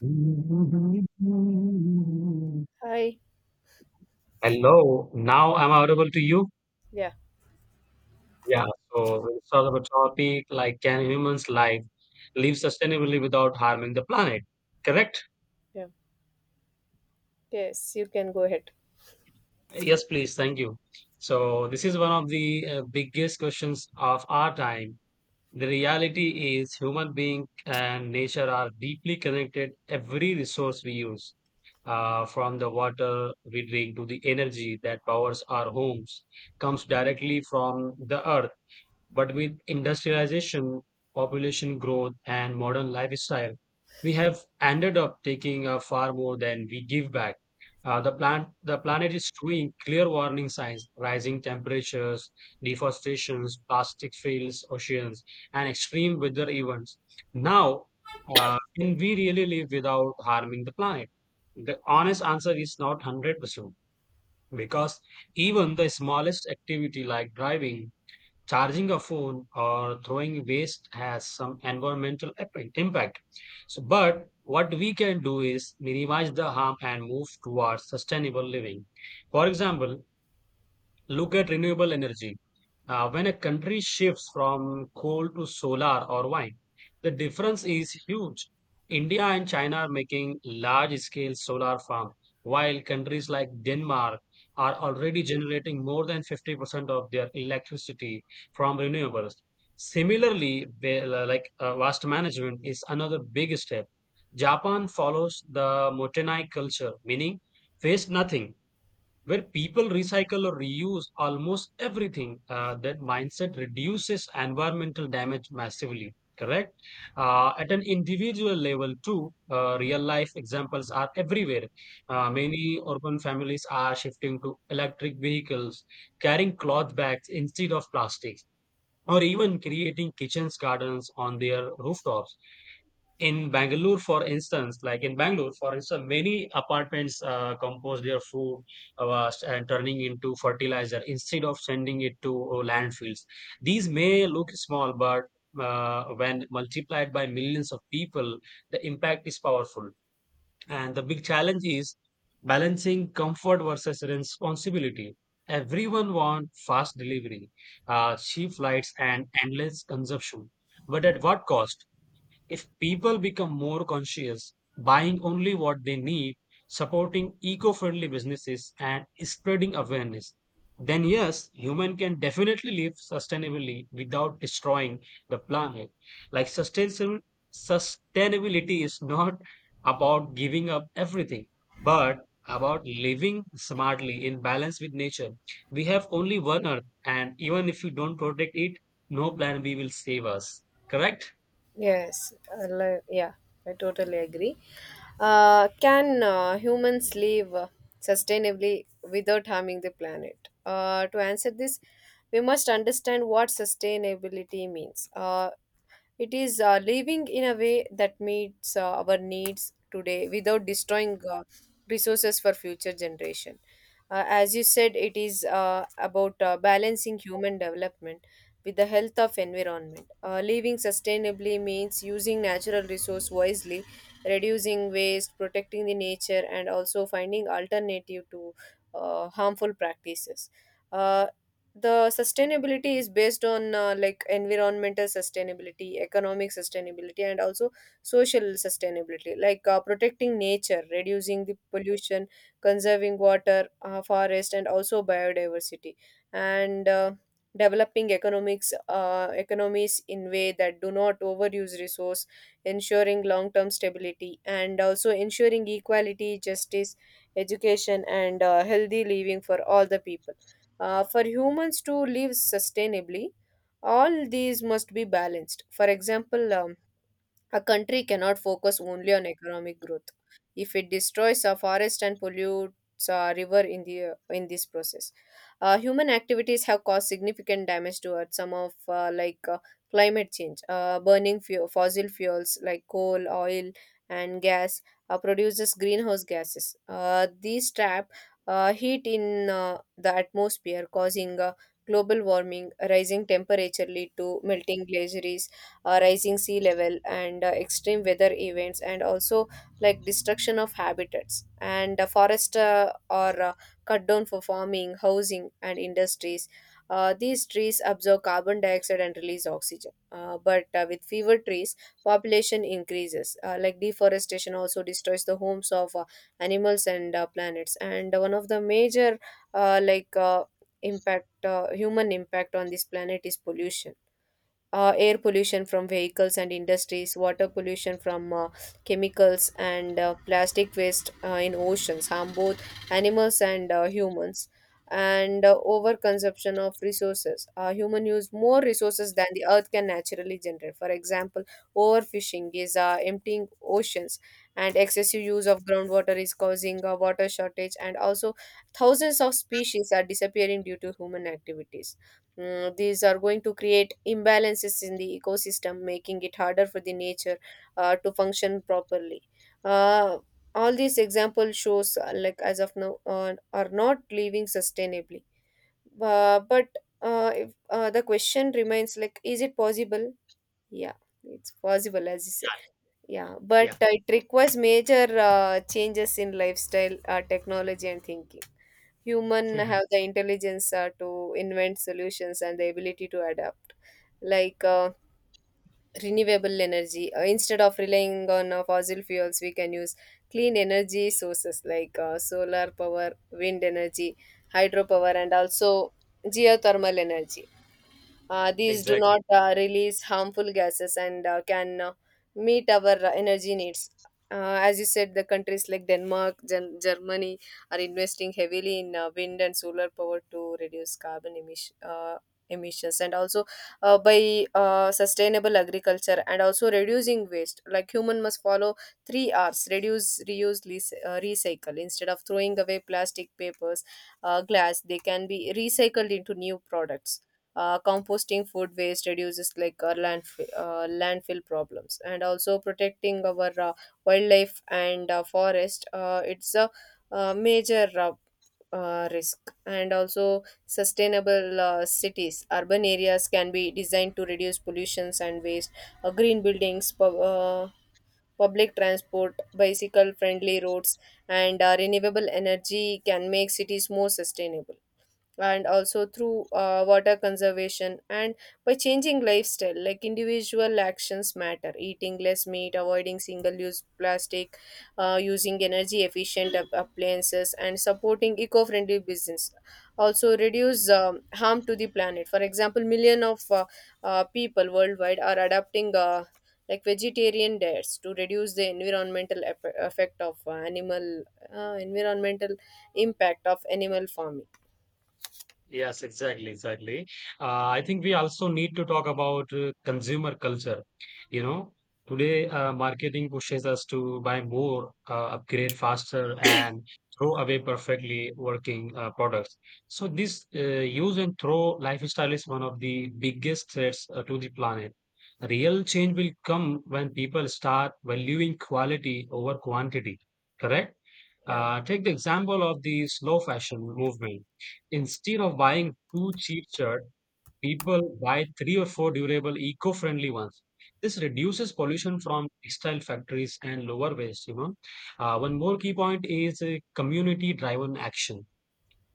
Hello, Hi. now I'm audible to you. Yeah. Yeah, so let's talk about topic like can humans life live sustainably without harming the planet? Correct? Yeah. Yes, you can go ahead. Yes, please. Thank you. So this is one of the biggest questions of our time. The reality is human being and nature are deeply connected. Every resource we use, from the water we drink to the energy that powers our homes, comes directly from the earth, but with industrialization, population growth, and modern lifestyle, we have ended up taking far more than we give back. The planet is showing clear warning signs: rising temperatures, deforestations, plastic fields, oceans, and extreme weather events. Now, can we really live without harming the planet? The honest answer is not 100%, because even the smallest activity like driving, charging a phone, or throwing waste has some impact. So, but what we can do is minimize the harm and move towards sustainable living. For example, look at renewable energy. When a country shifts from coal to solar or wind, the difference is huge. India and China are making large scale solar farms, while countries like Denmark are already generating more than 50% of their electricity from renewables. Similarly, waste management is another big step. Japan follows the Motenai culture, meaning waste nothing, where people recycle or reuse almost everything. That mindset reduces environmental damage massively. Correct? At an individual level, too, real life examples are everywhere. Many urban families are shifting to electric vehicles, carrying cloth bags instead of plastics, or even creating kitchens gardens on their rooftops. In Bangalore, for instance, many apartments compose their food and turning into fertilizer instead of sending it to landfills. These may look small, but when multiplied by millions of people, the impact is powerful. And the big challenge is balancing comfort versus responsibility. Everyone wants fast delivery, cheap flights, and endless consumption. But at what cost? If people become more conscious, buying only what they need, supporting eco friendly businesses, and spreading awareness, then yes, human can definitely live sustainably without destroying the planet. Like sustainable sustainability is not about giving up everything, but about living smartly in balance with nature. We have only one earth, and even if you don't protect it, no plan B will save us. Correct? Yeah. I totally agree. Can humans live sustainably without harming the planet? To answer this, we must understand what sustainability means. It is living in a way that meets our needs today without destroying resources for future generation. As you said, it is about balancing human development with the health of environment. Living sustainably means using natural resource wisely, reducing waste, protecting the nature, and also finding alternative to harmful practices. Uh, the sustainability is based on like environmental sustainability, economic sustainability, and also social sustainability, like protecting nature, reducing the pollution, conserving water, forest, and also biodiversity, and developing economics economies in way that do not overuse resource, ensuring long term stability, and also ensuring equality, justice, education, and healthy living for all the people. For humans to live sustainably, all these must be balanced. For example, a country cannot focus only on economic growth if it destroys a forest and pollutes a river in this process. Human activities have caused significant damage to Earth. Some of climate change, burning fossil fuels like coal, oil, and gas produces greenhouse gases. These trap heat in the atmosphere, causing global warming. Rising temperature lead to melting glaciers, rising sea level, and extreme weather events. And also, like, destruction of habitats, and forests are cut down for farming, housing, and industries. These trees absorb carbon dioxide and release oxygen, but with fewer trees population increases. Like deforestation also destroys the homes of animals and planets. And one of the major like impact human impact on this planet is pollution. Air pollution from vehicles and industries, water pollution from chemicals, and plastic waste in oceans harm both animals and humans. And overconsumption of resources. Human use more resources than the earth can naturally generate. For example, overfishing is emptying oceans, and excessive use of groundwater is causing a water shortage, and also thousands of species are disappearing due to human activities. Mm, these are going to create imbalances in the ecosystem, making it harder for the nature to function properly. Uh, all these examples shows, like as of now, are not living sustainably. But if, the question remains, like, is it possible? Yeah, it's possible, as you said. Yeah, but Yeah. It requires major changes in lifestyle, technology, and thinking. Human Yeah. have the intelligence to invent solutions and the ability to adapt, like renewable energy. Instead of relying on fossil fuels, we can use clean energy sources like solar power, wind energy, hydropower, and also geothermal energy. These do Exactly. not release harmful gases and can meet our energy needs. As you said, the countries like Denmark, Germany are investing heavily in wind and solar power to reduce carbon emissions, and also by sustainable agriculture and also reducing waste. Like, human must follow three R's: reduce, reuse, recycle. Instead of throwing away plastic, papers, glass, they can be recycled into new products. Composting food waste reduces like our landfill problems, and also protecting our wildlife and forest. It's a major risk. And also sustainable cities, urban areas can be designed to reduce pollutions and waste. Green buildings, public transport, bicycle friendly roads, and renewable energy can make cities more sustainable, and also through water conservation and by changing lifestyle. Like, individual actions matter: eating less meat, avoiding single use plastic, using energy efficient appliances, and supporting eco friendly business also reduce harm to the planet. For example, million of people worldwide are adopting like vegetarian diets to reduce the environmental impact of animal farming. Yes, exactly, exactly. I think we also need to talk about consumer culture. You know, today marketing pushes us to buy more, upgrade faster, and throw away perfectly working products. So this, use and throw lifestyle is one of the biggest threats to the planet. Real change will come when people start valuing quality over quantity. Correct? Yeah. Take the example of the slow fashion movement. Instead of buying two cheap shirts, people buy three or four durable, eco-friendly ones. This reduces pollution from textile factories and lower waste. You know, one more key point is community-driven action.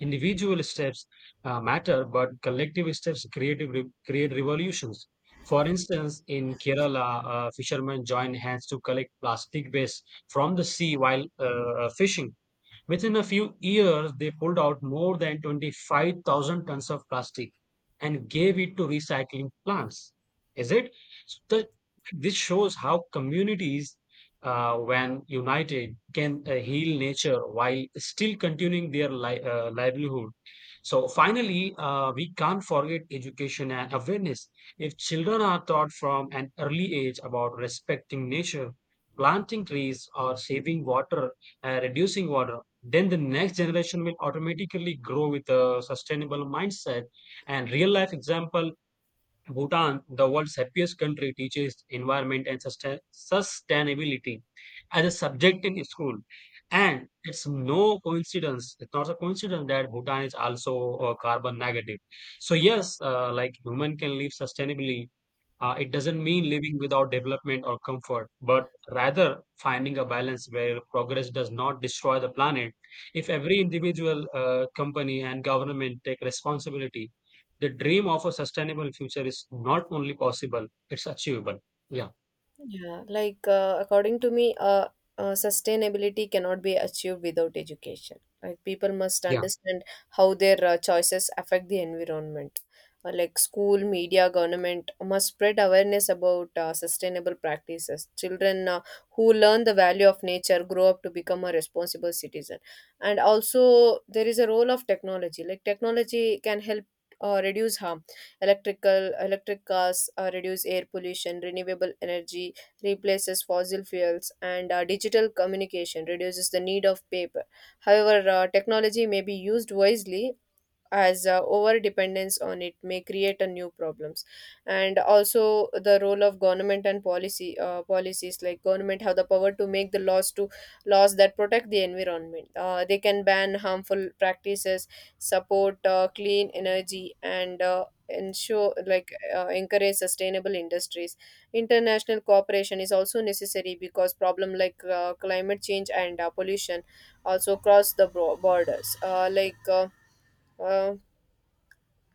Individual steps matter, but collective steps create revolutions. For instance, in Kerala, fishermen join hands to collect plastic waste from the sea while fishing. Within a few years, they pulled out more than 25,000 tons of plastic and gave it to recycling plants. Is it? So the- this shows how communities, when united, can heal nature while still continuing their livelihood. So finally, we can't forget education and awareness. If children are taught from an early age about respecting nature, planting trees, or saving water, reducing water, then the next generation will automatically grow with a sustainable mindset. And real life example, Bhutan, the world's happiest country, teaches environment and sustainability as a subject in school, and it's not a coincidence that Bhutan is also carbon negative. So yes, like human can live sustainably. It doesn't mean living without development or comfort, but rather finding a balance where progress does not destroy the planet. If every individual, company, and government take responsibility, the dream of a sustainable future is not only possible, it's achievable. Yeah. Yeah, like according to me, sustainability cannot be achieved without education. Like, people must Yeah. understand how their choices affect the environment. Like, school, media, government must spread awareness about sustainable practices. Children who learn the value of nature grow up to become a responsible citizen. And also, there is a role of technology. Like, technology can help reduce harm. Electric cars reduce air pollution. Renewable energy replaces fossil fuels, and digital communication reduces the need of paper. However, technology may be used wisely, as over dependence on it may create a new problems. And also the role of government and policy policies, like government have the power to make the laws to laws that protect the environment. They can ban harmful practices, support clean energy, and ensure, like encourage sustainable industries. International cooperation is also necessary because problem like climate change and pollution also cross the borders. Uh, uh,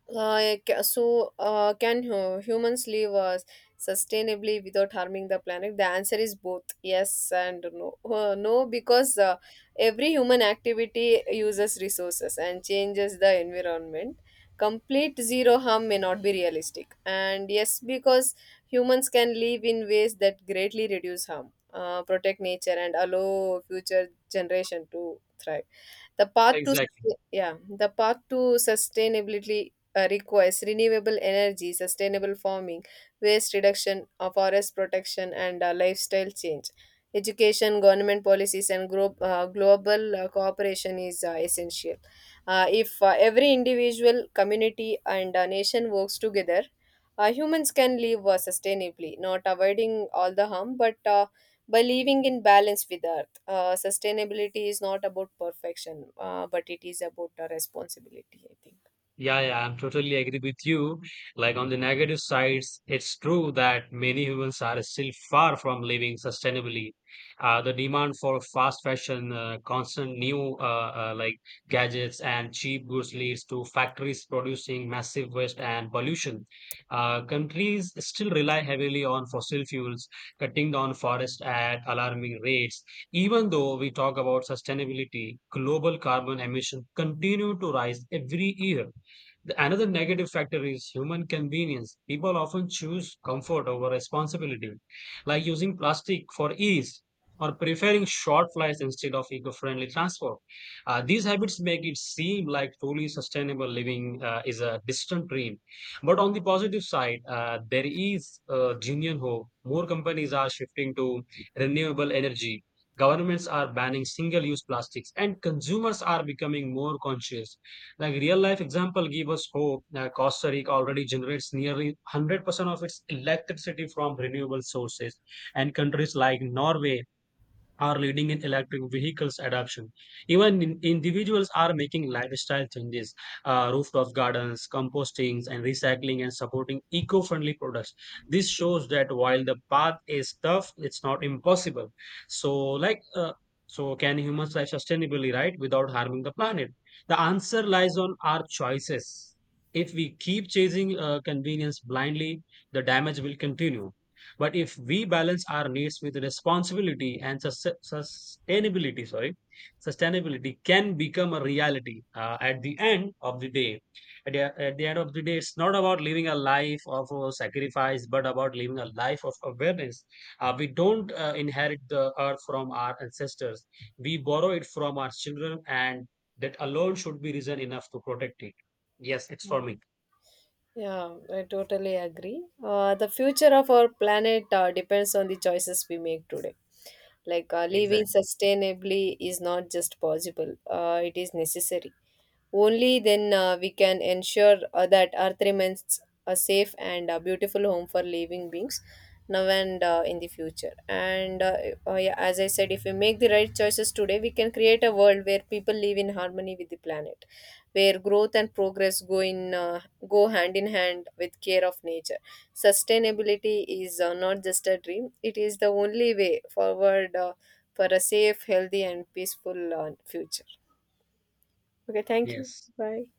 like, so, can humans live sustainably without harming the planet? The answer is both yes and no. No, because every human activity uses resources and changes the environment. Complete zero harm may not be realistic. And yes, because humans can live in ways that greatly reduce harm, protect nature, and allow future generation to thrive. The path to Exactly. sustain, Yeah, the path to sustainability requires renewable energy, sustainable farming, waste reduction, forest protection, and lifestyle change. Education, government policies, and global cooperation is essential. If every individual, community, and nation works together, humans can live sustainably, not avoiding all the harm, but by living in balance with Earth. Sustainability is not about perfection, but it is about a responsibility, I think. Yeah, yeah, I'm totally agree with you. Like on the negative sides, it's true that many humans are still far from living sustainably. The demand for fast fashion, constant new, like gadgets and cheap goods leads to factories producing massive waste and pollution. Countries still rely heavily on fossil fuels, cutting down forests at alarming rates. Even though we talk about sustainability, global carbon emissions continue to rise every year. Another negative factor is human convenience. People often choose comfort over responsibility, like using plastic for ease or preferring short flights instead of eco friendly transport. These habits make it seem like truly sustainable living is a distant dream. But on the positive side, there is genuine hope. More companies are shifting to renewable energy. Governments are banning single use plastics, and consumers are becoming more conscious. Like real life example give us hope that Costa Rica already generates nearly 100% of its electricity from renewable sources, and countries like Norway are leading in electric vehicles adoption. Even in, individuals are making lifestyle changes: rooftop gardens, compostings, and recycling, and supporting eco-friendly products. This shows that while the path is tough, it's not impossible. So, like, uh, so can humans live sustainably, right, without harming the planet? The answer lies on our choices. If we keep chasing convenience blindly, the damage will continue. But if we balance our needs with responsibility and sustainability can become a reality at the end of the day. At the end of the day, it's not about living a life of sacrifice, but about living a life of awareness. We don't inherit the earth from our ancestors, we borrow it from our children, and that alone should be reason enough to protect it. Yes, it's for me. Mhm. Yeah, I totally agree. The future of our planet depends on the choices we make today. Like, living Exactly. sustainably is not just possible, it is necessary. Only then we can ensure that Earth remains a safe and a beautiful home for living beings now and in the future. And yeah, as I said, if we make the right choices today, we can create a world where people live in harmony with the planet, where growth and progress go hand in hand with care of nature. Sustainability is not just a dream; it is the only way forward for a safe, healthy, and peaceful future. Okay, thank you. Yes. Bye.